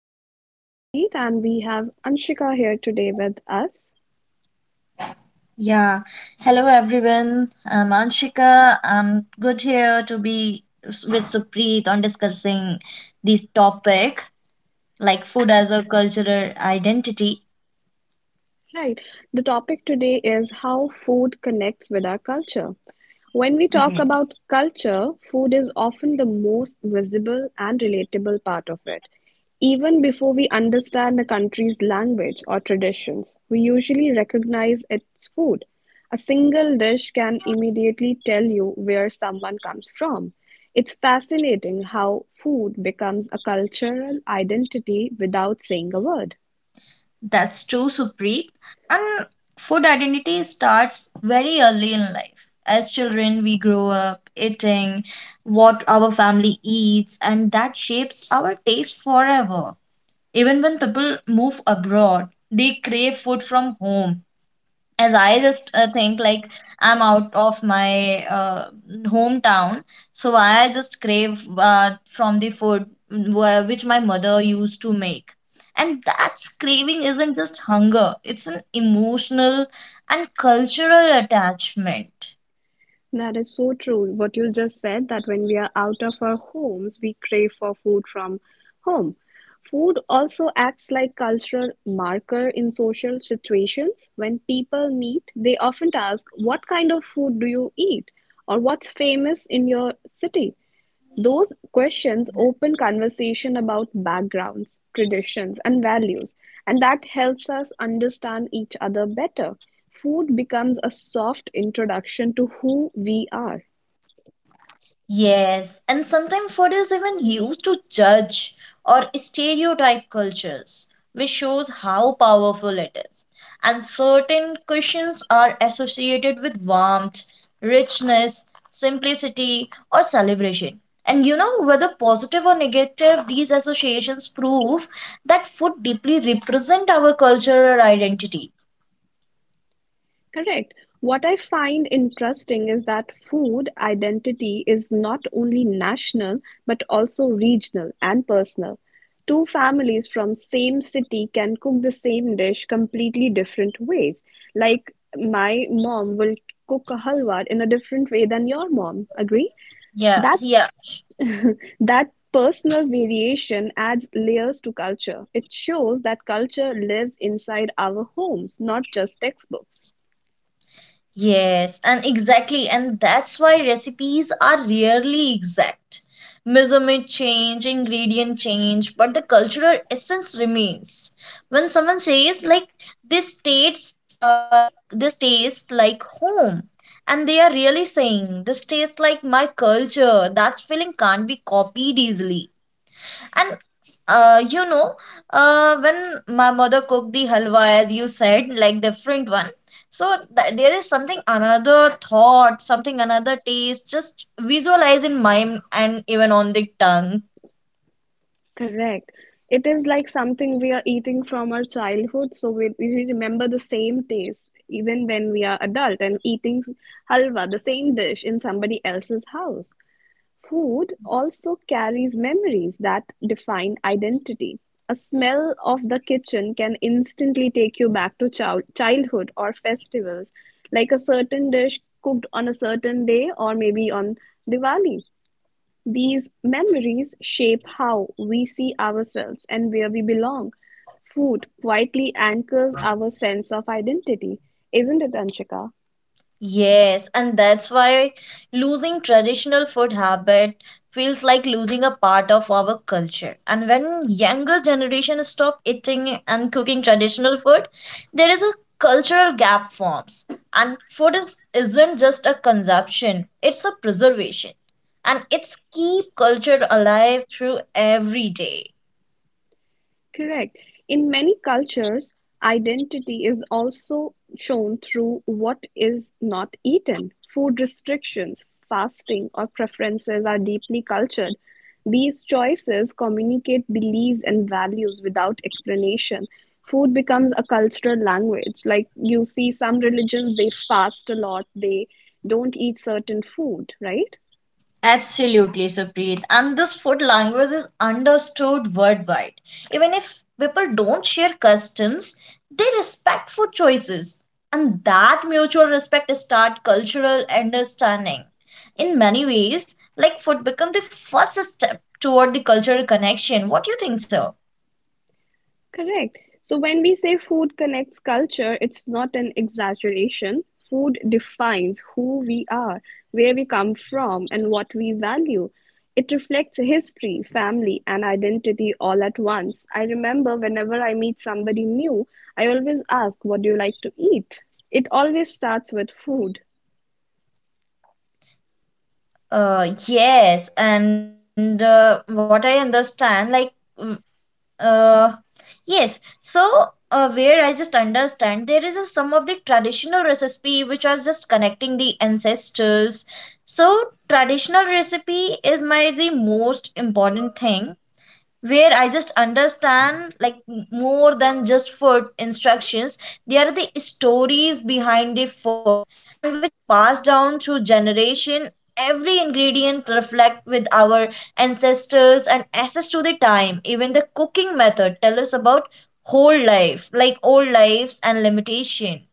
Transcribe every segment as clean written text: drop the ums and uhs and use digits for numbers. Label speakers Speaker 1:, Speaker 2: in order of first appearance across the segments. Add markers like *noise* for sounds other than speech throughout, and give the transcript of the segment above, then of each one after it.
Speaker 1: My name is Supreet and we have Anshika here today with us.
Speaker 2: Yeah. Hello, everyone. I'm Anshika. I'm good here to be with Supreet on discussing this topic, like food as a cultural identity.
Speaker 1: Right. The topic today is how food connects with our culture. When we talk
Speaker 2: Mhm.
Speaker 1: about culture, food is often the most visible and relatable part of it. Even before we understand a country's language or traditions, we usually recognize its food. A single dish can immediately tell you where someone comes from. It's fascinating how food becomes a cultural identity without saying a word.
Speaker 2: That's true, Supreet. And food identity starts very early in life. As children, we grow up eating what our family eats, and that shapes our taste forever. Even when people move abroad, they crave food from home as I just think like I'm out of my hometown, so I just crave from the food which my mother used to make. And that craving isn't just hunger, it's an emotional and cultural attachment.
Speaker 1: That is so true. What you just said, that when we are out of our homes, we crave for food from home. Food also acts like cultural marker in social situations. When people meet, they often ask, "What kind of food do you eat?" or "What's famous in your city?" Those questions open conversation about backgrounds, traditions, and values, and that helps us understand each other better. Food becomes a soft introduction to who we are.
Speaker 2: Yes, and sometimes food is even used to judge or stereotype cultures, which shows how powerful it is. And certain cuisines are associated with warmth, richness, simplicity, or celebration. And you know, whether positive or negative, these associations prove that food deeply represent our cultural identity.
Speaker 1: Correct. What I find interesting is that food identity is not only national but also regional and personal. Two families from same city can cook the same dish completely different ways. Like my mom will cook a halwa in a different way than your mom. Agree?
Speaker 2: Yeah,
Speaker 1: That
Speaker 2: yeah.
Speaker 1: that personal variation adds layers to culture. It shows that culture lives inside our homes, not just textbooks.
Speaker 2: Yes, and exactly, and that's why recipes are rarely exact. Measurement change, ingredient change, but the cultural essence remains. When someone says like this tastes like home, and they are really saying this tastes like my culture, that feeling can't be copied easily. And you know, when my mother cooked the halwa, as you said, like different one. So th there is something another thought, something another taste, just visualize in mind and even on the tongue.
Speaker 1: Correct. It is like something we are eating from our childhood, so we remember the same taste even when we are adult and eating halwa, the same dish in somebody else's house. Food also carries memories that define identity. A smell of the kitchen can instantly take you back to childhood or festivals, like a certain dish cooked on a certain day or maybe on Diwali. These memories shape how we see ourselves and where we belong. Food quietly anchors our sense of identity, isn't it, Anshika?
Speaker 2: Yes, and that's why losing traditional food habit feels like losing a part of our culture. And when younger generation stop eating and cooking traditional food, there is a cultural gap forms. And isn't just a consumption, it's a preservation. And it's keep culture alive through every day.
Speaker 1: Correct. In many cultures, identity is also shown through what is not eaten. Food restrictions, fasting, or preferences are deeply cultured. These choices communicate beliefs and values without explanation. Food becomes a cultural language. Like you see, some religions, they fast a lot, they don't eat certain food, right?
Speaker 2: Absolutely, Supreet. And this food language is understood worldwide. Even if people don't share customs, they respect food choices. And that mutual respect start cultural understanding. In many ways, like food become the first step toward the cultural connection. What do you think so?
Speaker 1: Correct. So when we say food connects culture, it's not an exaggeration. Food defines who we are, where we come from, and what we value. It reflects history, family, and identity all at once. I remember whenever I meet somebody new, I always ask, What do you like to eat? It always starts with food.
Speaker 2: Yes, and what I understand, like, mm, uh, yes, so where I just understand there is a, some of the traditional recipe which are just connecting the ancestors. So traditional recipe is my the most important thing where I just understand like more than just food instructions. They are the stories behind the food and which pass down through generation. Every ingredient reflect with our ancestors and access to the time. Even the cooking method tell us about whole life, like old lives and limitation.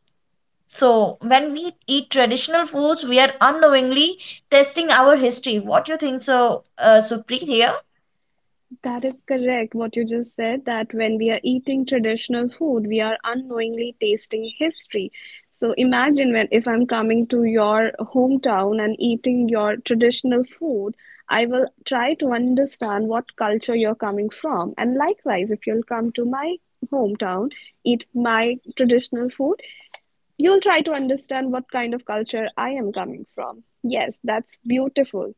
Speaker 2: So when we eat traditional foods, we are unknowingly testing our history. What do you think so, Supreet here?
Speaker 1: That is correct, what you just said, that when we are eating traditional food, we are unknowingly tasting history. So imagine when if I'm coming to your hometown and eating your traditional food, I will try to understand what culture you're coming from. And likewise, if you'll come to my hometown, eat my traditional food, you'll try to understand what kind of culture I am coming from. Yes, that's beautiful.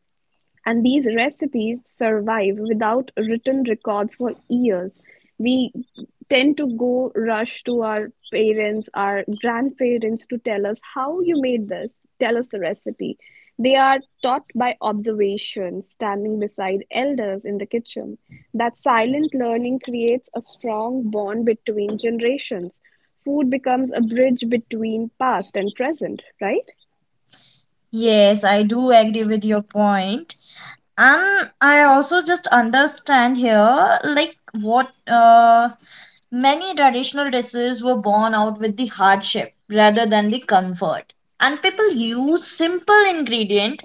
Speaker 1: And these recipes survive without written records for years. We tend to go rush to our parents, our grandparents to tell us how you made this, tell us the recipe. They are taught by observation, standing beside elders in the kitchen. That silent learning creates a strong bond between generations. Food becomes a bridge between past and present, right?
Speaker 2: Yes, I do agree with your point. And I also just understand here, like what many traditional dishes were born out with the hardship rather than the comfort. And people use simple ingredient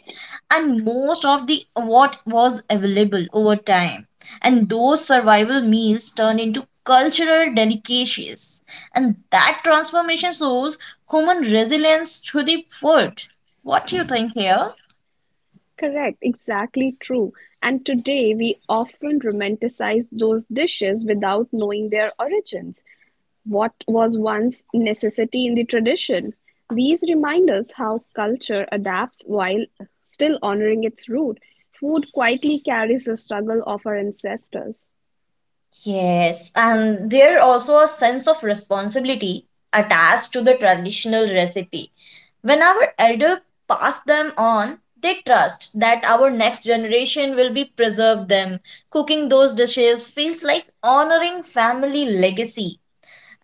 Speaker 2: and most of the what was available over time. And those survival meals turn into cultural delicacies. And that transformation shows human resilience to the food. What do you think here?
Speaker 1: Correct, exactly true. And today we often romanticize those dishes without knowing their origins. What was once necessity in the tradition? These remind us how culture adapts while still honoring its root. Food quietly carries the struggle of our ancestors.
Speaker 2: Yes, and there also a sense of responsibility attached to the traditional recipe. When our elder pass them on, they trust that our next generation will be preserved them. Cooking those dishes feels like honoring family legacy.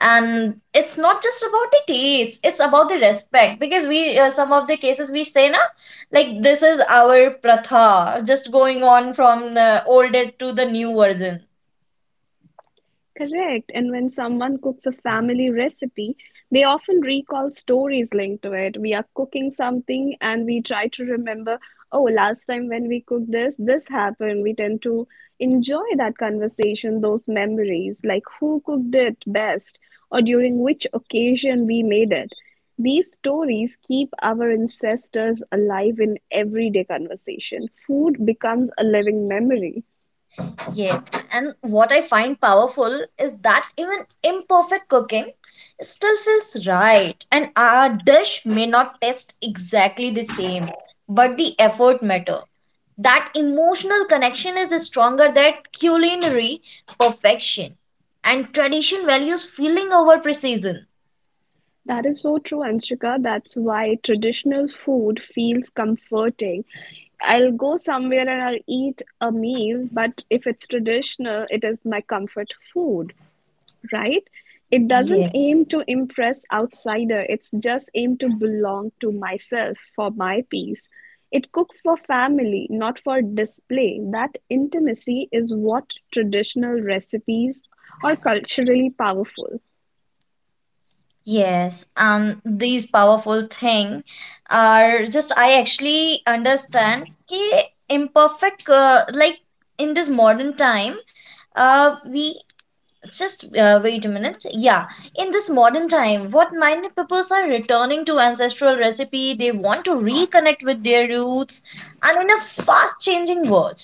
Speaker 2: And it's not just about the taste, it's about the respect because we some of the cases we say na, like this is our pratha just going on from older to the new version.
Speaker 1: Correct. And when someone cooks a family recipe, they often recall stories linked to it. We are cooking something and we try to remember, oh, last time when we cooked this, this happened. We tend to enjoy that conversation, those memories, like who cooked it best or during which occasion we made it. These stories keep our ancestors alive in everyday conversation. Food becomes a living memory.
Speaker 2: Yes, and what I find powerful is that even imperfect cooking still feels right, and our dish may not taste exactly the same, but the effort matter. That emotional connection is stronger than culinary perfection, and tradition values feeling over precision.
Speaker 1: That is so true, Anshika. That's why traditional food feels comforting. I'll go somewhere and I'll eat a meal, but if it's traditional, it is my comfort food, right? It doesn't aim to impress outsider. It's just aim to belong to myself for my peace. It cooks for family, not for display. That intimacy is what traditional recipes are culturally powerful.
Speaker 2: Yes, and these powerful thing are just I actually understand कि imperfect in this modern time we just wait a minute yeah in this modern time what many peoples are returning to ancestral recipe. They want to reconnect with their roots and in a fast changing world.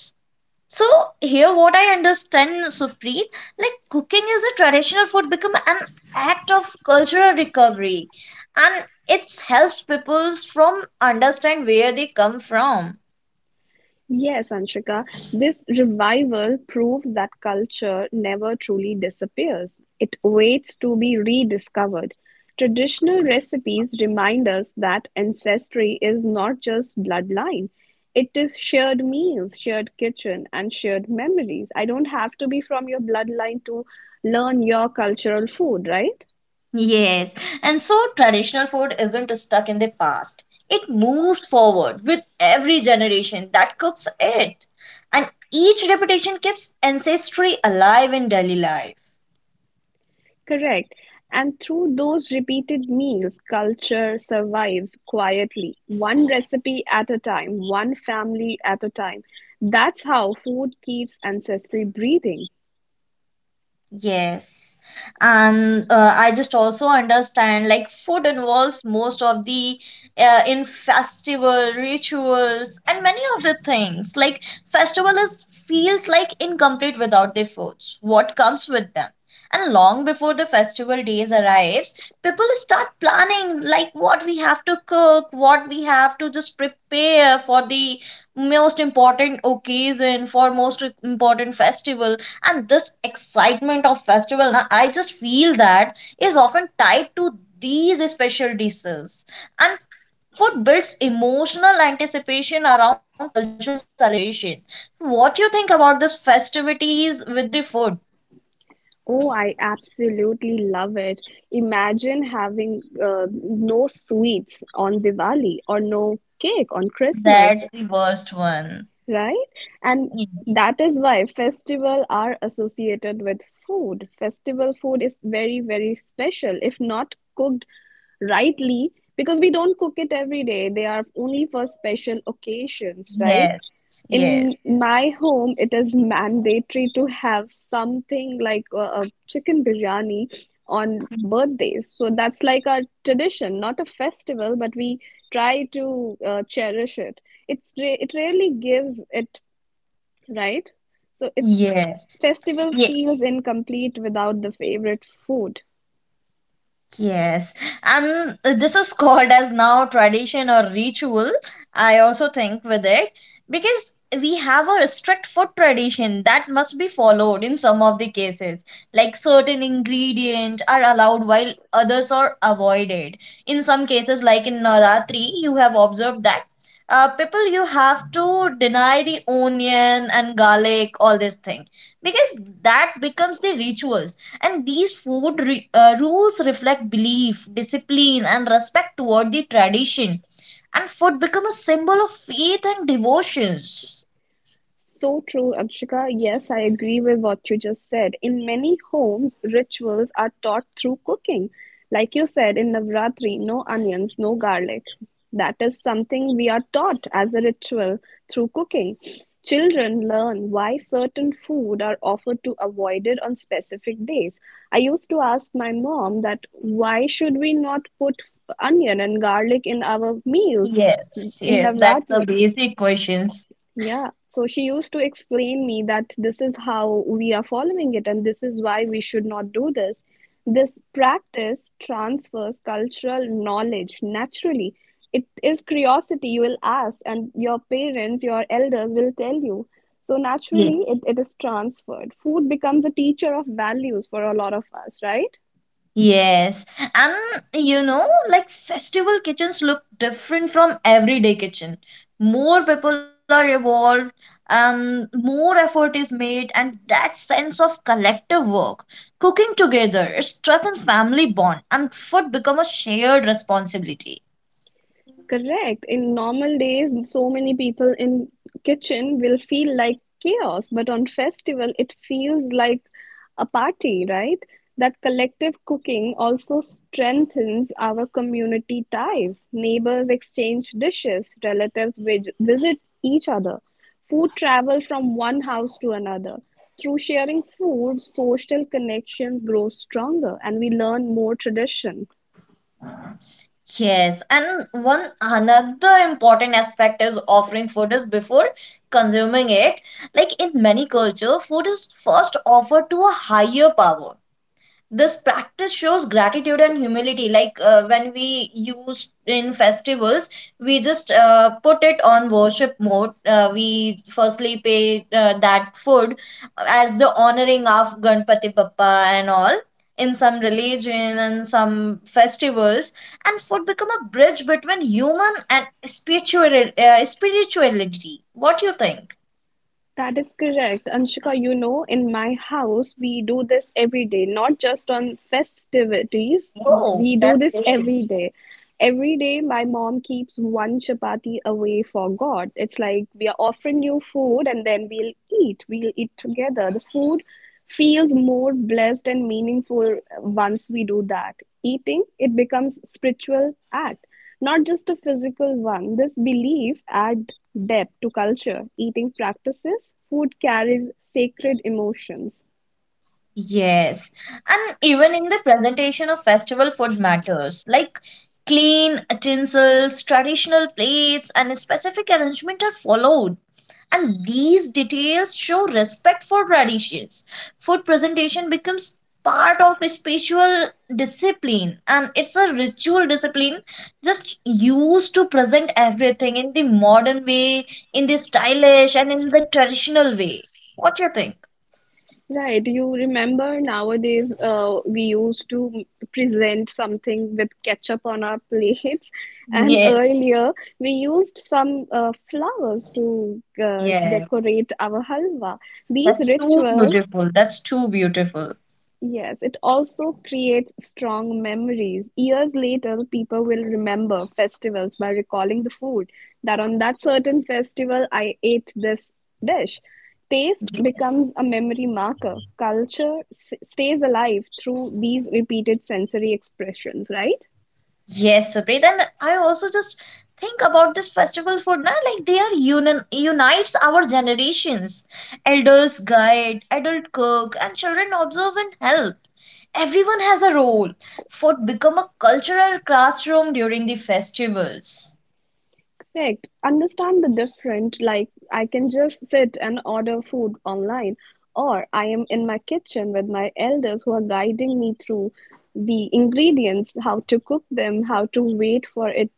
Speaker 2: So here what I understand, Supreet, like cooking is a traditional food become an act of cultural recovery, and it helps peoples from understand where they come from.
Speaker 1: Yes, Anshika, this revival proves that culture never truly disappears. It waits to be rediscovered. Traditional recipes remind us that ancestry is not just bloodline, it is shared meals, shared kitchen, and shared memories. I don't have to be from your bloodline to learn your cultural food, right?
Speaker 2: Yes. And so traditional food isn't stuck in the past. It moves forward with every generation that cooks it. And each repetition keeps ancestry alive in daily life.
Speaker 1: Correct. And through those repeated meals, culture survives quietly, one recipe at a time, one family at a time. That's how food keeps ancestry breathing.
Speaker 2: Yes. And I just also understand like food involves most of the in festival rituals and many of the things. Like festival is feels like incomplete without the foods. What comes with them? And long before the festival days arrives, people start planning like what we have to cook, what we have to just prepare for the most important occasion, for most important festival, and this excitement of festival na, I just feel that is often tied to these special dishes, and food builds emotional anticipation around cultural celebration. What you think about this festivities with the food?
Speaker 1: Oh, I absolutely love it. Imagine having no sweets on Diwali or no cake on Christmas.
Speaker 2: That's the worst one.
Speaker 1: Right? And that is why festivals are associated with food. Festival food is very, very special, if not cooked rightly, because we don't cook it every day. They are only for special occasions, right?
Speaker 2: Yes. Yes,
Speaker 1: In my home, it is mandatory to have something like a chicken biryani on birthdays. So that's like a tradition, not a festival, but we try to cherish it. It really gives it, right? So it's
Speaker 2: yes.
Speaker 1: festival
Speaker 2: Yes.
Speaker 1: feels incomplete without the favorite food.
Speaker 2: Yes, and this is called as now tradition or ritual. I also think with it because we have a strict food tradition that must be followed in some of the cases. Like certain ingredient are allowed while others are avoided. In some cases, like in Navratri, you have observed that people you have to deny the onion and garlic, all this thing, because that becomes the rituals, and these rules reflect belief, discipline, and respect toward the tradition. And food become a symbol of faith and devotions.
Speaker 1: So true, Akshika. Yes, I agree with what you just said. In many homes, rituals are taught through cooking. Like you said, in Navratri, no onions, no garlic. That is something we are taught as a ritual through cooking. Children learn why certain food are offered to avoided on specific days. I used to ask my mom that why should we not put onion and garlic in our meals
Speaker 2: Yes,
Speaker 1: in
Speaker 2: yes, that's the
Speaker 1: Navratri?
Speaker 2: basic questions.
Speaker 1: Yeah, so she used to explain me that this is how we are following it and this is why we should not do this. This practice transfers cultural knowledge naturally. It is curiosity you will ask, and your parents, your elders will tell you. So naturally, it is transferred. Food becomes a teacher of values for a lot of us, right?
Speaker 2: Yes, and you know, like festival kitchens look different from everyday kitchen. More people are involved, and more effort is made, and that sense of collective work, cooking together, it strengthens family bond, and food become a shared responsibility.
Speaker 1: Correct. In normal days, so many people in kitchen will feel like chaos, but on festival, it feels like a party, right? That collective cooking also strengthens our community ties. Neighbors exchange dishes, relatives visit each other. Food travel from one house to another. Through sharing food, social connections grow stronger and we learn more tradition.
Speaker 2: Yes, and one another important aspect is offering food is before consuming it. Like in many culture, food is first offered to a higher power. This practice shows gratitude and humility. Like when we use in festivals, we just put it on worship mode. We firstly pay that food as the honoring of Ganpati Bappa and all in some religion and some festivals, and food become a bridge between human and spirituality. What you think?
Speaker 1: That is correct. Anshika, you know, in my house, we do this every day, not just on festivities.
Speaker 2: Oh,
Speaker 1: We do
Speaker 2: that's
Speaker 1: this
Speaker 2: great.
Speaker 1: every day. Every day, my mom keeps one chapati away for God. It's like we are offering you food and then we'll eat. We'll eat together. The food feels more blessed and meaningful once we do that. Eating, it becomes spiritual act. Not just a physical one, this belief adds depth to culture, eating practices, food carries sacred emotions.
Speaker 2: Yes, and even in the presentation of festival food matters, like clean utensils, traditional plates, and specific arrangement are followed. And these details show respect for traditions. Food presentation becomes part of a spiritual discipline, and it's a ritual discipline just used to present everything in the modern way, in the stylish, and in the traditional way. What do you think?
Speaker 1: Right, you remember nowadays we used to present something with ketchup on our plates, *laughs* and
Speaker 2: Yeah,
Speaker 1: earlier we used some flowers to
Speaker 2: yeah.
Speaker 1: decorate our halwa. These
Speaker 2: That's too
Speaker 1: rituals
Speaker 2: beautiful. That's too beautiful.
Speaker 1: Yes, it also creates strong memories. Years later, people will remember festivals by recalling the food that on that certain festival I ate this dish. Taste becomes a memory marker. Stays alive through these repeated sensory expressions, right?
Speaker 2: Yes, Supreet. And I also just think about this festival food, na? Like they are unites our generations. Elders guide, adult cook, and children observe and help. Everyone has a role. Food become a cultural classroom during the festivals.
Speaker 1: Correct. Understand the different, like I can just sit and order food online, or I am in my kitchen with my elders who are guiding me through the ingredients, how to cook them, how to wait for it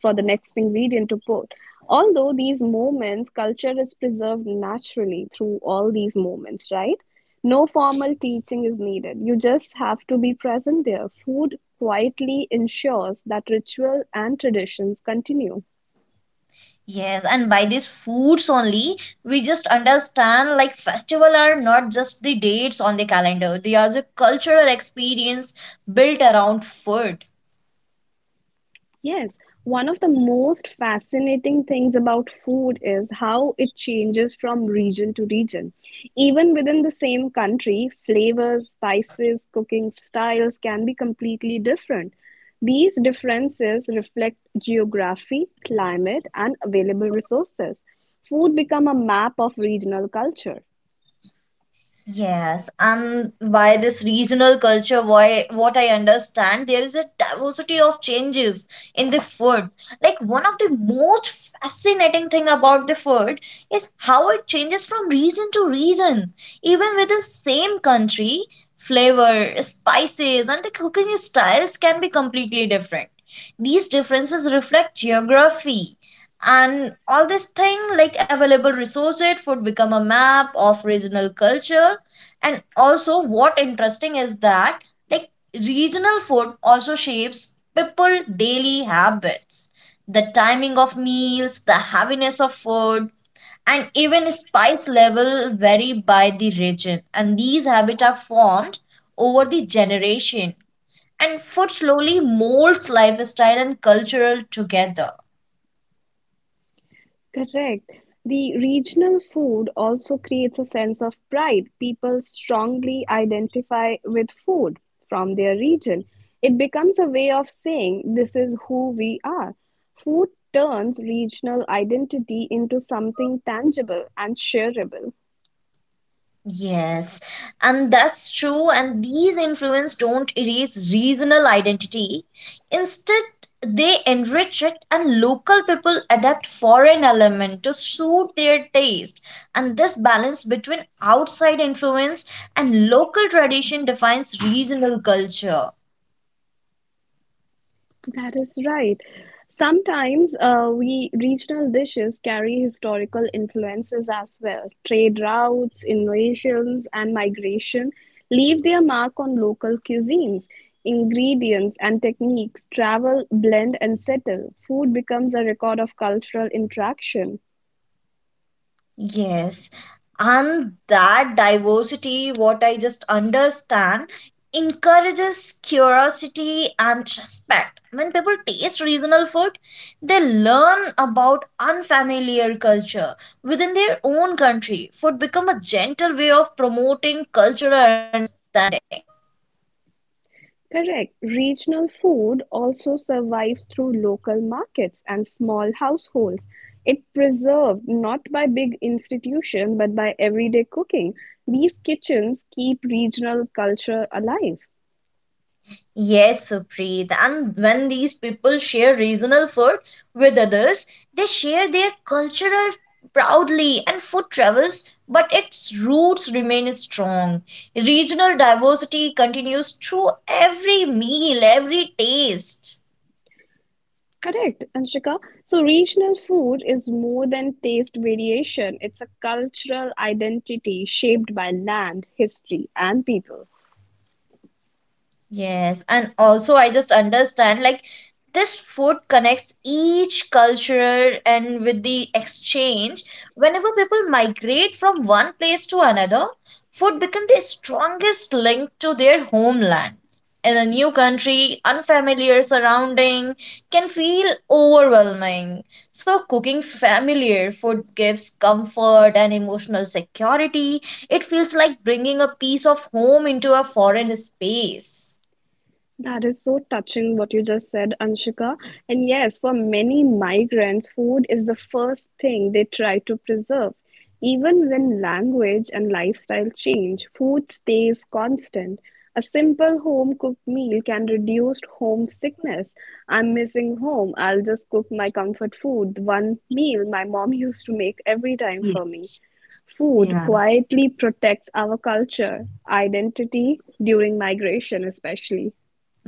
Speaker 1: for the next ingredient to put. Although these moments, culture is preserved naturally through all these moments, right? No formal teaching is needed. You just have to be present there. Food quietly ensures that ritual and traditions continue.
Speaker 2: Yes, and by these foods only, we just understand like festival are not just the dates on the calendar. They are the cultural experience built around food.
Speaker 1: Yes, one of the most fascinating things about food is how it changes from region to region. Even within the same country, flavors, spices, cooking styles can be completely different. These differences reflect geography, climate, and available resources. Food become a map of regional culture.
Speaker 2: Yes, and by this regional culture, why what I understand, there is a diversity of changes in the food. Like one of the most fascinating thing about the food is how it changes from region to region. Even within same country, flavor, spices, and the cooking styles can be completely different. These differences reflect geography and all this thing like available resources would become a map of regional culture. And also, what interesting is that like regional food also shapes people daily habits. The timing of meals, the heaviness of food, and even spice level vary by the region. And these habits are formed over the generation. And food slowly molds lifestyle and cultural together.
Speaker 1: Correct. The regional food also creates a sense of pride. People strongly identify with food from their region. It becomes a way of saying, this is who we are. Food turns regional identity into something tangible and shareable.
Speaker 2: Yes, and that's true. And these influence don't erase regional identity. Instead, they enrich it, and local people adapt foreign element to suit their taste. And this balance between outside influence and local tradition defines regional culture.
Speaker 1: That is right. Sometimes we regional dishes carry historical influences as well. Trade routes, innovations, and migration leave their mark on local cuisines. Ingredients and techniques travel, blend, and settle. Food becomes a record of cultural interaction.
Speaker 2: Yes, and that diversity, what I just understand, encourages curiosity and respect. When people taste regional food, they learn about unfamiliar culture within their own country. Food become a gentle way of promoting cultural understanding.
Speaker 1: Correct. Regional food also survives through local markets and small households. It preserved not by big institutions but by everyday cooking. These kitchens keep regional culture alive.
Speaker 2: Yes, Supreet. And when these people share regional food with others, they share their cultural proudly, and food travels, but its roots remain strong. Regional diversity continues through every meal, every taste.
Speaker 1: Correct, Anshika. So regional food is more than taste variation. It's a cultural identity shaped by land, history, and people.
Speaker 2: Yes, and also I just understand like this food connects each culture and with the exchange. Whenever people migrate from one place to another, food becomes the strongest link to their homeland. In a new country, unfamiliar surrounding can feel overwhelming. So cooking familiar food gives comfort and emotional security. It feels like bringing a piece of home into a foreign space.
Speaker 1: That is so touching what you just said, Anshika. And yes, for many migrants, food is the first thing they try to preserve. Even when language and lifestyle change, food stays constant. A simple home cooked meal can reduce homesickness. I'm missing home. I'll just cook my comfort food, one meal my mom used to make every time for me.
Speaker 2: Yes.
Speaker 1: Food
Speaker 2: Yeah.
Speaker 1: quietly protects our culture, identity during migration, especially.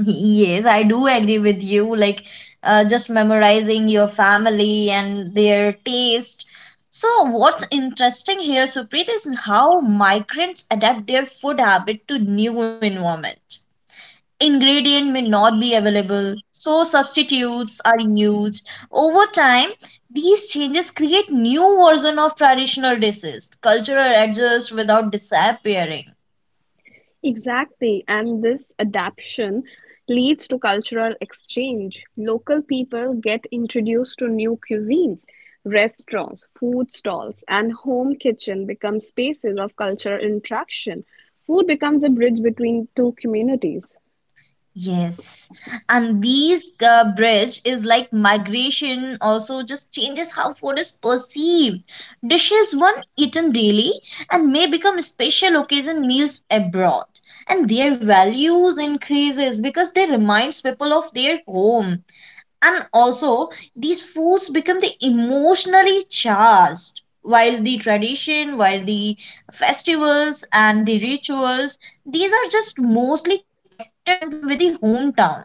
Speaker 2: Yes, I do agree with you. Like, just memorizing your family and their taste. So, what's interesting here, Supreet, is how migrants adapt their food habit to new environment. Ingredient may not be available, so substitutes are used. Over time, these changes create new version of traditional dishes. Cultural adjust without disappearing.
Speaker 1: Exactly, and this adaptation leads to cultural exchange. Local people get introduced to new cuisines. Restaurants, food stalls, and home kitchen become spaces of cultural interaction. Food becomes a bridge between two communities.
Speaker 2: Yes, and these bridge is like migration also just changes how food is perceived. Dishes one eaten daily and may become special occasion meals abroad, and their values increases because they reminds people of their home, and also these foods become the emotionally charged while the tradition while the festivals and the rituals, these are just mostly connected one with the hometown.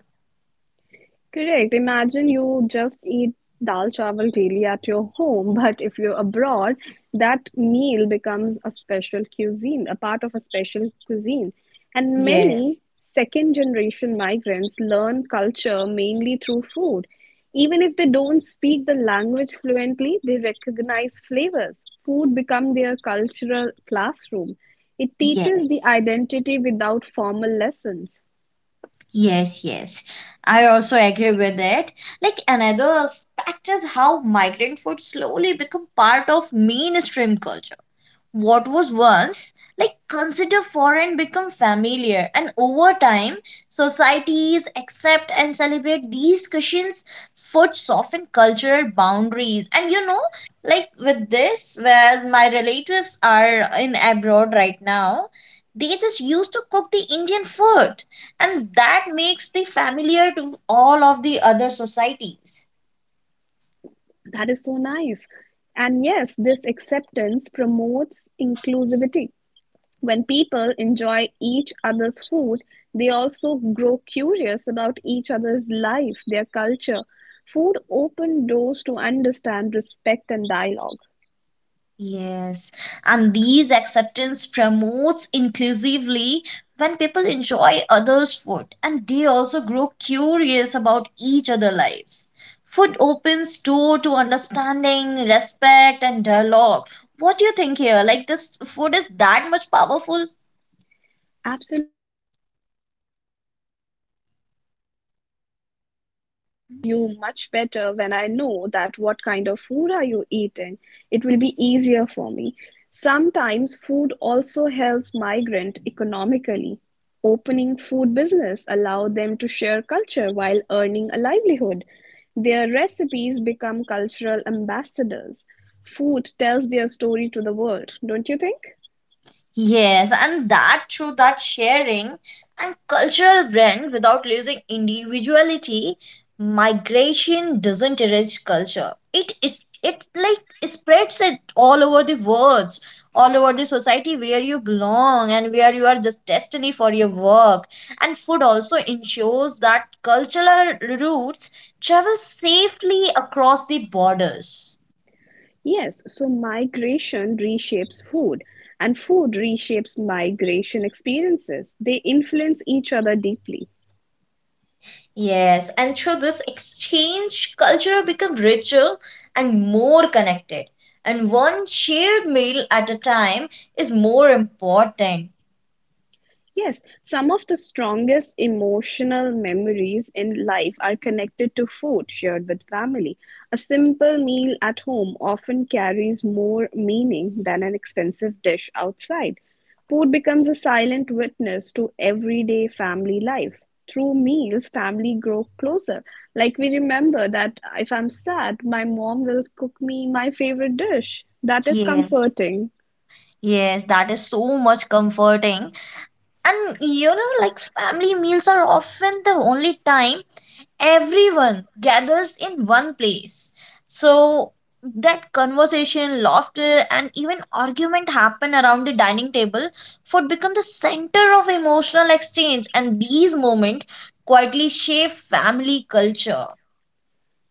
Speaker 1: Correct. Imagine you just eat dal chawal daily at your home, but if you're abroad, that meal becomes a special cuisine, a part of a special cuisine. And
Speaker 2: yeah
Speaker 1: many second generation migrants learn culture mainly through food. Even if they don't speak the language fluently, they recognize flavors. Food become their cultural classroom. It
Speaker 2: yeah
Speaker 1: teaches the identity without formal lessons.
Speaker 2: Yes, I also agree with it. Like another aspect is how migrant food slowly become part of mainstream culture. What was once like considered foreign become familiar, and over time societies accept and celebrate these cuisines. Food soften cultural boundaries, and with this, whereas my relatives are in abroad right now, they just used to cook the Indian food, and that makes the familiar to all of the other societies.
Speaker 1: That is so nice. And yes, this acceptance promotes inclusivity. When people enjoy each other's food, they also grow curious about each other's life, their culture. Food open doors to understand, respect, and dialogue.
Speaker 2: Yes, and these acceptance promotes inclusively when people enjoy others' food, and they also grow curious about each other's lives. Food opens door to understanding, respect, and dialogue. What do you think here? Like this food is that much powerful?
Speaker 1: You much better when I know that what kind of food are you eating. It will be easier for me. Sometimes food also helps migrant economically. Opening food business allow them to share culture while earning a livelihood. Their recipes become cultural ambassadors. Food tells their story to the world, don't you think?
Speaker 2: Yes, and that through that sharing and cultural blend without losing individuality, migration doesn't erase culture. It like spreads it all over the world, all over the society where you belong and where you are just destiny for your work. And food also ensures that cultural roots travel safely across the borders.
Speaker 1: Yes, so migration reshapes food, and food reshapes migration experiences. They influence each other deeply.
Speaker 2: Yes, and through this exchange, culture become richer and more connected. And one shared meal at a time is more important.
Speaker 1: Yes, some of the strongest emotional memories in life are connected to food shared with family. A simple meal at home often carries more meaning than an expensive dish outside. Food becomes a silent witness to everyday family life. Through meals, family grow closer. Like we remember that if I'm sad, my mom will cook me my favorite dish. That is
Speaker 2: Yeah.
Speaker 1: comforting.
Speaker 2: Yes, that is so much comforting. And you know, like family meals are often the only time everyone gathers in one place. So that conversation, laughter, and even argument happen around the dining table. Food become the center of emotional exchange, and these moments quietly shape family culture.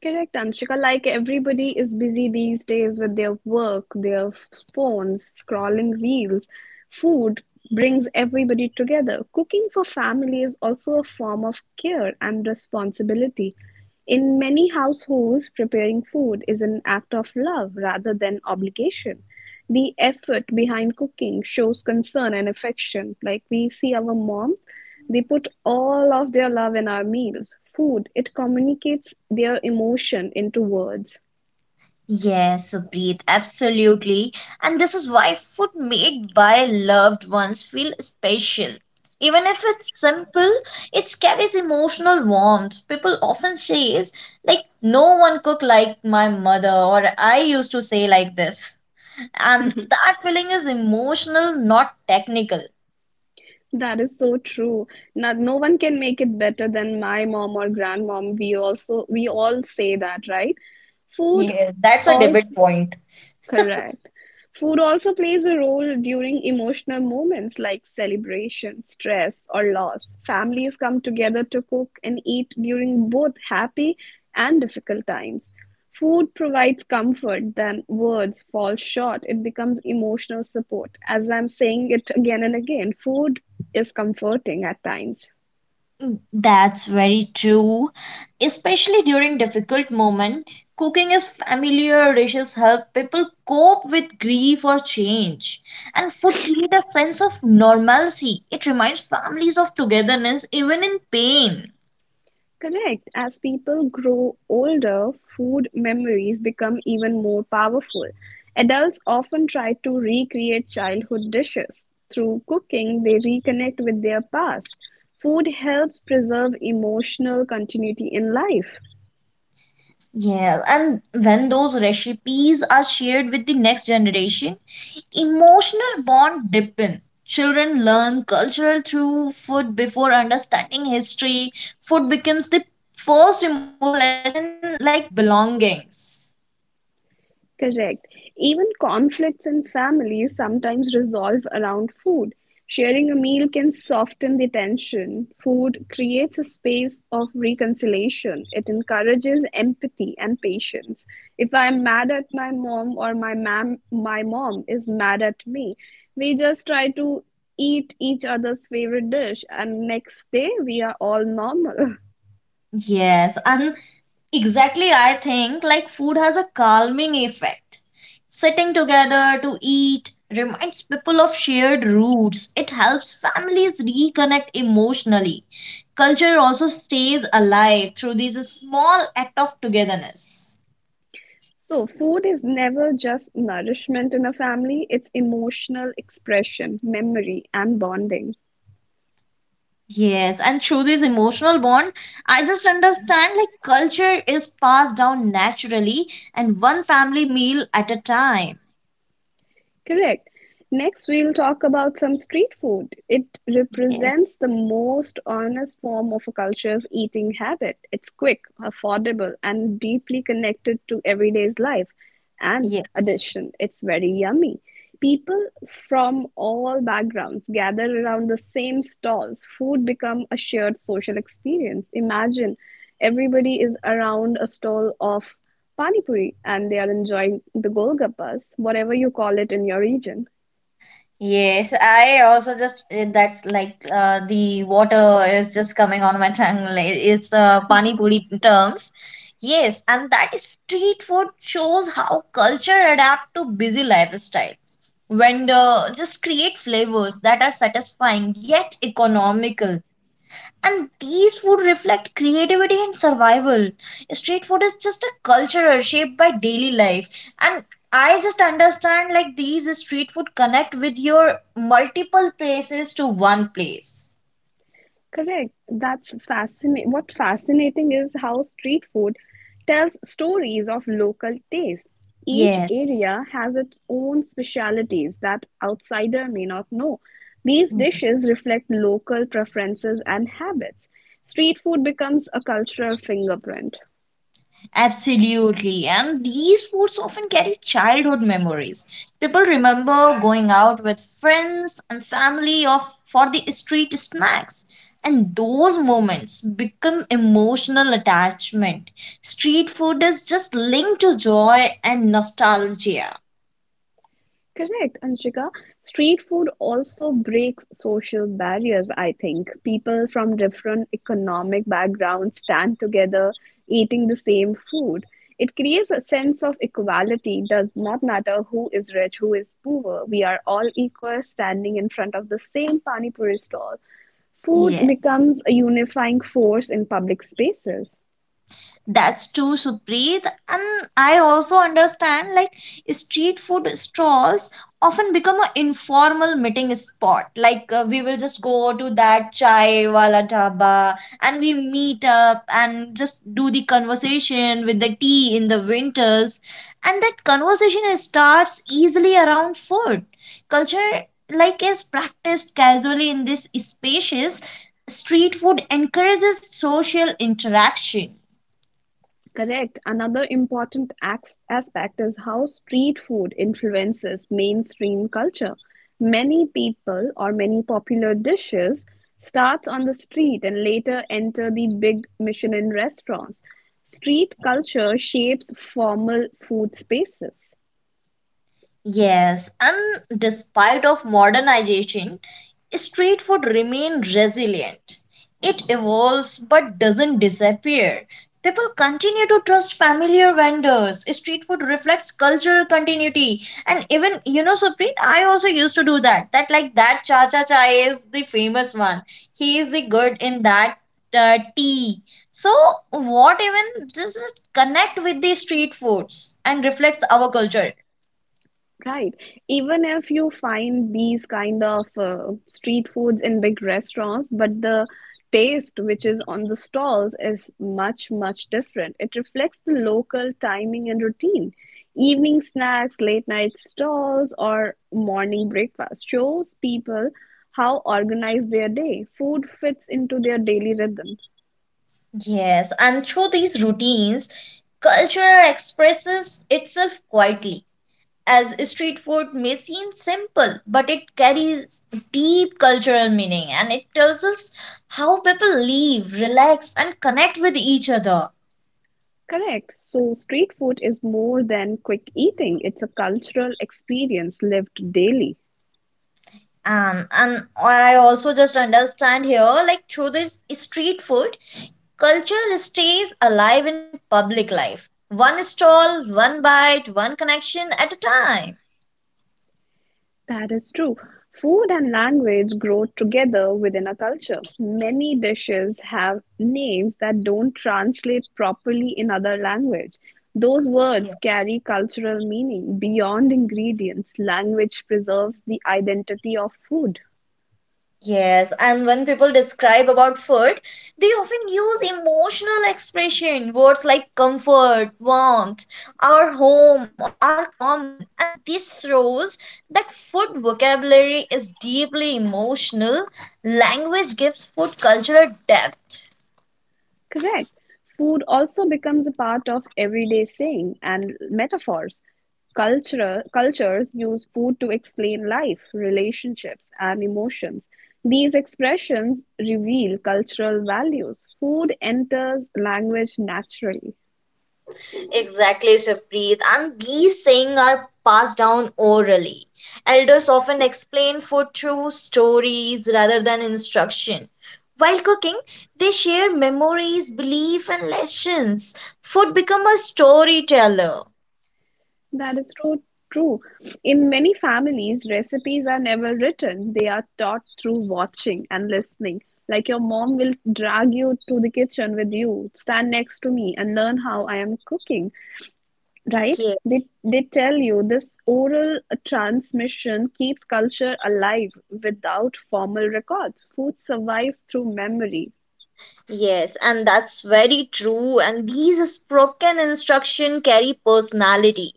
Speaker 1: Correct, Anshika. Like everybody is busy these days with their work, their phones, scrolling reels. Food brings everybody together. Cooking for family is also a form of care and responsibility. In many households, preparing food is an act of love rather than obligation. The effort behind cooking shows concern and affection. Like we see our moms, they put all of their love in our meals. Food, it communicates their emotion into words.
Speaker 2: Yes, Abreet, absolutely. And this is why food made by loved ones feel special. Even if it's simple, it carries emotional warmth. People often say, is like, no one cook like my mother, or I used to say like this. And that feeling is emotional, not technical.
Speaker 1: That is so true. Now, no one can make it better than my mom or grandmom. We all say that, right? Food
Speaker 2: Yeah, that's a debate
Speaker 1: also.
Speaker 2: point.
Speaker 1: Correct. Food also plays a role during emotional moments like celebration, stress, or loss. Families come together to cook and eat during both happy and difficult times. Food provides comfort than words fall short. It becomes emotional support. As I'm saying it again and again, food is comforting at times.
Speaker 2: That's very true. Especially during difficult moment, cooking is familiar dishes help people cope with grief or change. And food creates a sense of normalcy. It reminds families of togetherness even in pain.
Speaker 1: Correct. As people grow older, food memories become even more powerful. Adults often try to recreate childhood dishes. Through cooking, they reconnect with their past. Food helps preserve emotional continuity in life.
Speaker 2: Yeah, and when those recipes are shared with the next generation, emotional bond deepen. Children learn culture through food before understanding history. Food becomes the first emotional lesson in like belongings.
Speaker 1: Correct. Even conflicts in families sometimes resolve around food. Sharing a meal can soften the tension. Food creates a space of reconciliation. It encourages empathy and patience. If I'm mad at my mom or my mom is mad at me, we just try to eat each other's favorite dish and next day we are all normal. *laughs*
Speaker 2: Yes, and exactly I think like food has a calming effect. Sitting together to eat reminds people of shared roots. It helps families reconnect emotionally. Culture also stays alive through these small act of togetherness.
Speaker 1: So, food is never just nourishment in a family, it's emotional expression, memory, and bonding.
Speaker 2: Yes, and through this emotional bond, I just understand like culture is passed down naturally and one family meal at a time.
Speaker 1: Correct. Next, we'll talk about some street food. It
Speaker 2: Yes.
Speaker 1: represents the most honest form of a culture's eating habit. It's quick, affordable, and deeply connected to everyday's life. And
Speaker 2: Yeah.
Speaker 1: addition, it's very yummy. People from all backgrounds gather around the same stalls. Food become a shared social experience. Imagine everybody is around a stall of Pani Puri, and they are enjoying the Golgappas, whatever you call it in your region.
Speaker 2: Yes, I also just that's like the water is just coming on my tongue. *laughs* Like, it's pani puri terms. Yes, and that street food shows how culture adapt to busy lifestyle. Vendor just create flavors that are satisfying yet economical. And these food reflect creativity and survival. Street food is just a culture shaped by daily life. And I just understand like these street food connect with your multiple places to one place.
Speaker 1: Correct. That's fascinating. What fascinating is how street food tells stories of local taste. Each
Speaker 2: Yes.
Speaker 1: area has its own specialities that outsider may not know. These dishes reflect local preferences and habits. Street food becomes a cultural fingerprint.
Speaker 2: Absolutely. And these foods often carry childhood memories. People remember going out with friends and family or for the street snacks. And those moments become emotional attachment. Street food is just linked to joy and nostalgia.
Speaker 1: Correct, Anshika. Street food also breaks social barriers, I think. People from different economic backgrounds stand together eating the same food. It creates a sense of equality. Does not matter who is rich, who is poor. We are all equal standing in front of the same pani puri stall. Food
Speaker 2: Yeah.
Speaker 1: becomes a unifying force in public spaces.
Speaker 2: That's true, Supreet. And I also understand like street food stalls often become an informal meeting spot. Like we will just go to that chai wala dhaba and we meet up and just do the conversation with the tea in the winters. And that conversation starts easily around food. Culture like is practiced casually in these spaces. Street food encourages social interaction.
Speaker 1: Correct. Another important aspect is how street food influences mainstream culture. Many people or many popular dishes starts on the street and later enter the big Michelin restaurants. Street culture shapes formal food spaces.
Speaker 2: Yes, and despite of modernization, street food remain resilient. It evolves but doesn't disappear. People continue to trust familiar vendors. Street food reflects cultural continuity. And even, you know, Supreet, I also used to do that. That like that cha cha chai is the famous one. He is the good in that tea. So what even this is connect with the street foods and reflects our culture.
Speaker 1: Right. Even if you find these kind of street foods in big restaurants, but the taste which is on the stalls is much, much different. It reflects the local timing and routine. Evening snacks, late night stalls, or morning breakfast shows people how organized their day. Food fits into their daily rhythm.
Speaker 2: Yes, and through these routines, culture expresses itself quietly. As street food may seem simple, but it carries deep cultural meaning and it tells us how people live, relax, and connect with each other.
Speaker 1: Correct. So, street food is more than quick eating, it's a cultural experience lived daily.
Speaker 2: And I also just understand here like through this street food, culture stays alive in public life. One stall, one bite, one connection at a time.
Speaker 1: That is true. Food and language grow together within a culture. Many dishes have names that don't translate properly in other language. Those words carry cultural meaning beyond ingredients. Language preserves the identity of food.
Speaker 2: Yes, and when people describe about food, they often use emotional expression. Words like comfort, warmth, our home, or are common. And this shows that food vocabulary is deeply emotional. Language gives food cultural depth.
Speaker 1: Correct. Food also becomes a part of everyday saying and metaphors. Culture, cultures use food to explain life, relationships, and emotions. These expressions reveal cultural values. Food enters language naturally.
Speaker 2: Exactly, Shaprit. And these sayings are passed down orally. Elders often explain food through stories rather than instruction. While cooking, they share memories, belief, and lessons. Food become a storyteller.
Speaker 1: That is so true. In many families, recipes are never written. They are taught through watching and listening. Like your mom will drag you to the kitchen with you, stand next to me and learn how I am cooking, right? They tell you this oral transmission keeps culture alive without formal records. Food survives through memory.
Speaker 2: Yes, and that's very true. And these spoken instruction carry personality.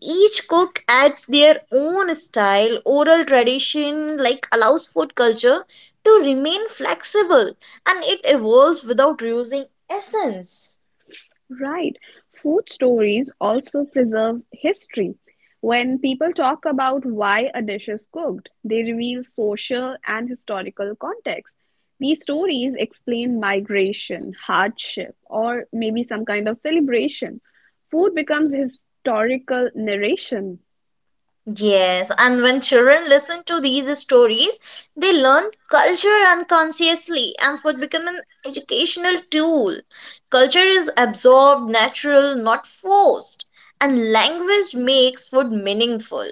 Speaker 2: Each cook adds their own style, oral tradition, like allows food culture to remain flexible and it evolves without losing essence.
Speaker 1: Right. Food stories also preserve history. When people talk about why a dish is cooked, they reveal social and historical context. These stories explain migration, hardship, or maybe some kind of celebration. Food becomes historical narration.
Speaker 2: Yes, and when children listen to these stories, they learn culture unconsciously and food become an educational tool. Culture is absorbed, natural, not forced, and language makes food meaningful.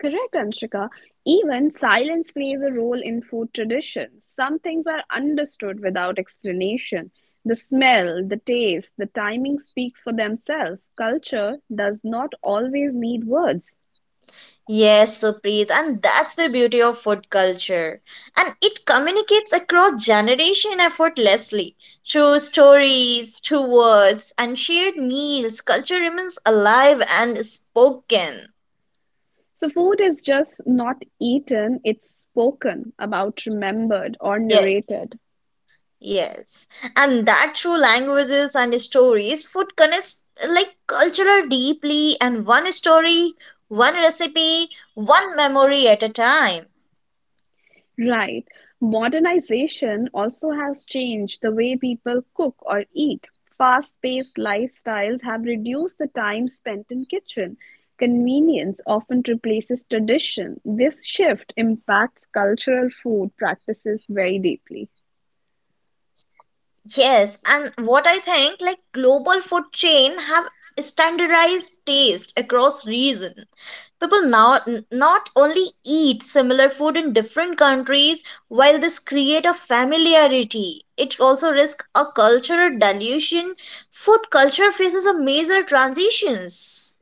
Speaker 1: Correct, Anshika. Even silence plays a role in food traditions. Some things are understood without explanation. The smell, the taste, the timing speaks for themselves. Culture does not always need words.
Speaker 2: Yes, Supreet, and that's the beauty of food culture. And it communicates across generation effortlessly. Through stories, through words, and shared meals, culture remains alive and spoken.
Speaker 1: So, food is just not eaten, it's spoken about, remembered, or
Speaker 2: Yes.
Speaker 1: narrated.
Speaker 2: Yes, and that through languages and stories, food connects like cultural deeply, and one story, one recipe, one memory at a time.
Speaker 1: Right. Modernization also has changed the way people cook or eat. Fast-paced lifestyles have reduced the time spent in kitchen. Convenience often replaces tradition. This shift impacts cultural food practices very deeply.
Speaker 2: Yes, and what I think, like global food chain have standardized taste across region. People now not only eat similar food in different countries, while this create a familiarity, it also risks a cultural dilution. Food culture faces a major transitions.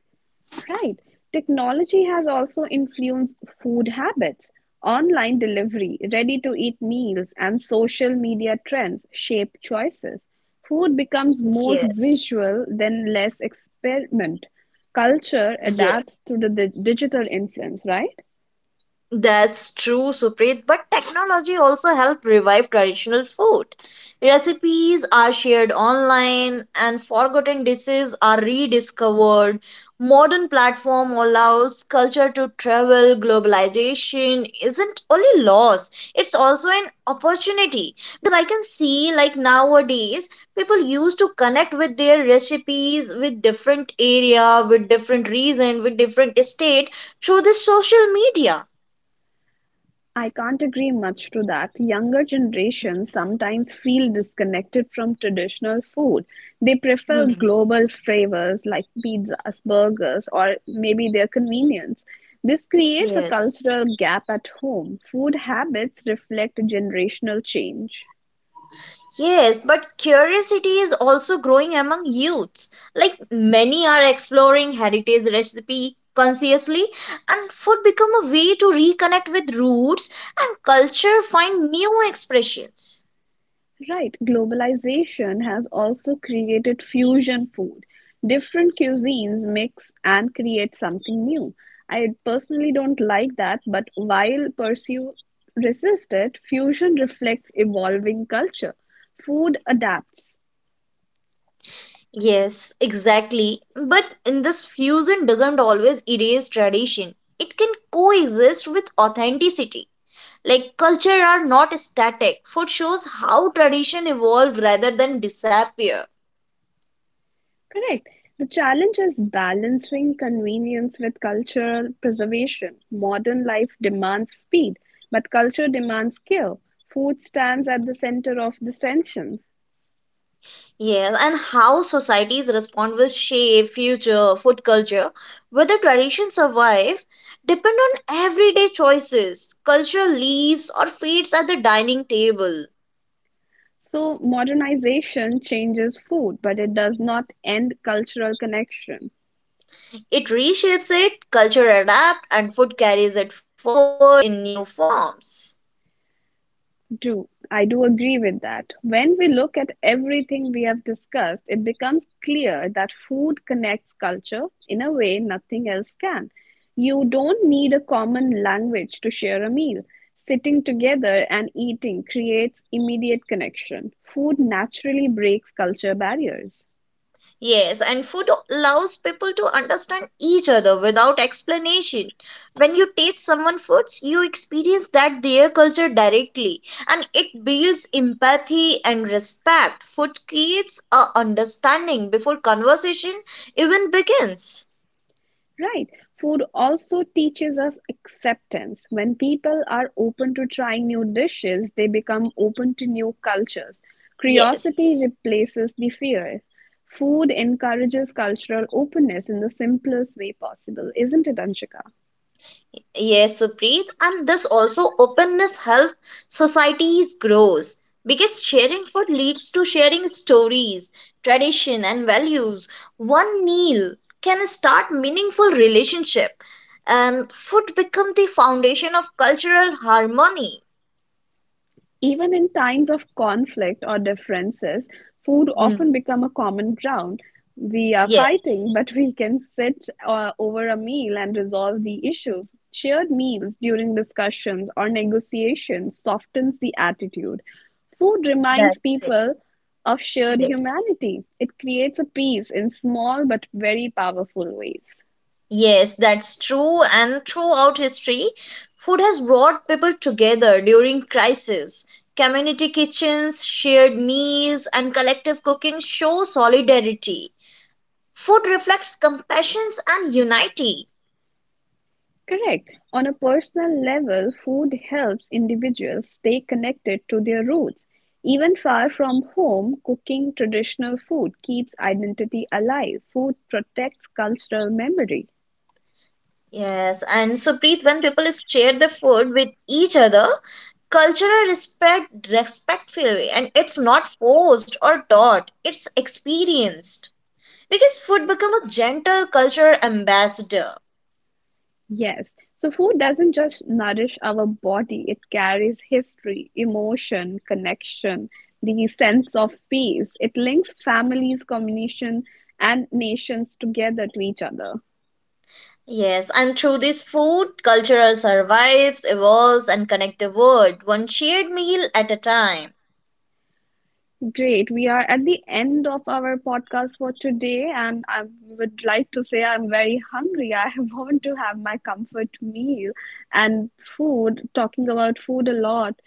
Speaker 1: Right. Technology has also influenced food habits. Online delivery, ready to eat meals, and social media trends shape choices. Food becomes more
Speaker 2: Yeah,
Speaker 1: visual than less experiment. Culture
Speaker 2: yeah.
Speaker 1: adapts to the digital influence, right?
Speaker 2: That's true, Supreet. But technology also helped revive traditional food. Recipes are shared online and forgotten dishes are rediscovered. Modern platform allows culture to travel. Globalization isn't only loss, it's also an opportunity. Because I can see like nowadays people used to connect with their recipes with different area, with different region, with different state through this social media.
Speaker 1: I can't agree much to that. Younger generations sometimes feel disconnected from traditional food. They prefer
Speaker 2: Hmm.
Speaker 1: global flavors like pizzas, burgers, or maybe their convenience. This creates a
Speaker 2: Yes.
Speaker 1: cultural gap at home. Food habits reflect generational change.
Speaker 2: Yes, but curiosity is also growing among youths. Like many are exploring heritage recipe consciously, and food become a way to reconnect with roots and culture, find new expressions.
Speaker 1: Right, globalization has also created fusion food. Different cuisines mix and create something new. I personally don't like that, but while pursue resist it, fusion reflects evolving culture. Food adapts.
Speaker 2: Yes, exactly. But in this fusion doesn't always erase tradition. It can coexist with authenticity. Like culture are not static. Food shows how tradition evolve rather than disappear.
Speaker 1: Correct. The challenge is balancing convenience with cultural preservation. Modern life demands speed, but culture demands care. Food stands at the center of this tension.
Speaker 2: Yes, and how societies respond will shape future food culture. Whether traditions survive depend on everyday choices. Culture leaves or fades at the dining table.
Speaker 1: So modernization changes food, but it does not end cultural connection.
Speaker 2: It reshapes it, culture adapts, and food carries it forward in new forms.
Speaker 1: Do I do agree with that? When we look at everything we have discussed, it becomes clear that food connects culture in a way nothing else can. You don't need a common language to share a meal. Sitting together and eating creates immediate connection. Food naturally breaks culture barriers.
Speaker 2: Yes, and food allows people to understand each other without explanation. When you taste someone' foods, you experience that their culture directly, and it builds empathy and respect. Food creates a understanding before conversation even begins.
Speaker 1: Right. Food also teaches us acceptance. When people are open to trying new dishes, they become open to new cultures.
Speaker 2: Yes.
Speaker 1: Curiosity replaces the fear. Food encourages cultural openness in the simplest way possible, isn't it, Anshika?
Speaker 2: Yes, Supreet, and this also openness help societies grows because sharing food leads to sharing stories, tradition, and values. One meal can start meaningful relationship, and food become the foundation of cultural harmony.
Speaker 1: Even in times of conflict or differences, food
Speaker 2: Hmm.
Speaker 1: often become a common ground. We are
Speaker 2: Yes,
Speaker 1: fighting, but we can sit over a meal and resolve the issues. Shared meals during discussions or negotiations softens the attitude. Food reminds
Speaker 2: that's it.
Speaker 1: people of shared
Speaker 2: Yes.
Speaker 1: humanity. It creates a peace in small but very powerful ways.
Speaker 2: Yes, that's true. And throughout history, food has brought people together during crisis. Community kitchens, shared meals, and collective cooking show solidarity. Food reflects compassion and unity.
Speaker 1: Correct. On a personal level, food helps individuals stay connected to their roots. Even far from home, cooking traditional food keeps identity alive. Food protects cultural memory.
Speaker 2: Yes, and Supreet, when people share the food with each other, cultural respect respectfully, and it's not forced or taught, it's experienced. Because food becomes a gentle cultural ambassador.
Speaker 1: Yes. So, food doesn't just nourish our body, it carries history, emotion, connection, the sense of peace. It links families, communities, and nations together to each other.
Speaker 2: Yes, and through this food, culture survives, evolves, and connects the world, one shared meal at a time.
Speaker 1: Great. We are at the end of our podcast for today, and I would like to say I'm very hungry. I *laughs* want to have my comfort meal and food. Talking about food a lot,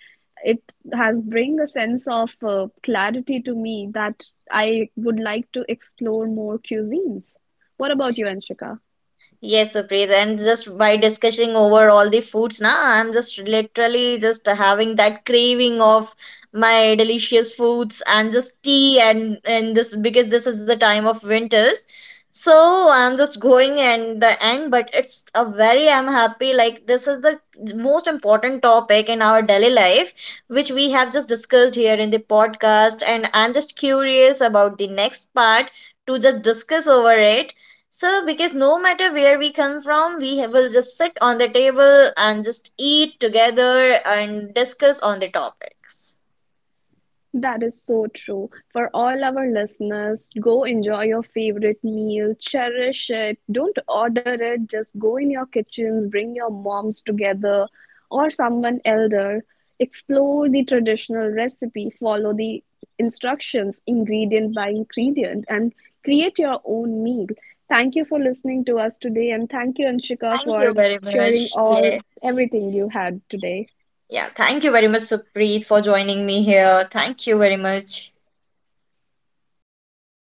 Speaker 1: it has bring a sense of clarity to me that I would like to explore more cuisines. What about you, Anshika?
Speaker 2: Yes, Supreet, and just by discussing over all the foods, na, I'm just literally just having that craving of my delicious foods and just tea and this because this is the time of winters. So I'm just going and the end, but it's a very I'm happy like this is the most important topic in our daily life, which we have just discussed here in the podcast, and I'm just curious about the next part to just discuss over it so, because no matter where we come from, we will just sit on the table and just eat together and discuss on the topics.
Speaker 1: That is so true. For all our listeners, go enjoy your favorite meal, cherish it. Don't order it, just go in your kitchens, bring your moms together or someone elder. Explore the traditional recipe, follow the instructions ingredient by ingredient, and create your own meal. Thank you for listening to us today, and thank you, Anshika,
Speaker 2: Thank you
Speaker 1: for
Speaker 2: very
Speaker 1: sharing
Speaker 2: much.
Speaker 1: all
Speaker 2: Yeah.
Speaker 1: everything you had today.
Speaker 2: Yeah. Thank you very much, Supreet, for joining me here. Thank you very much.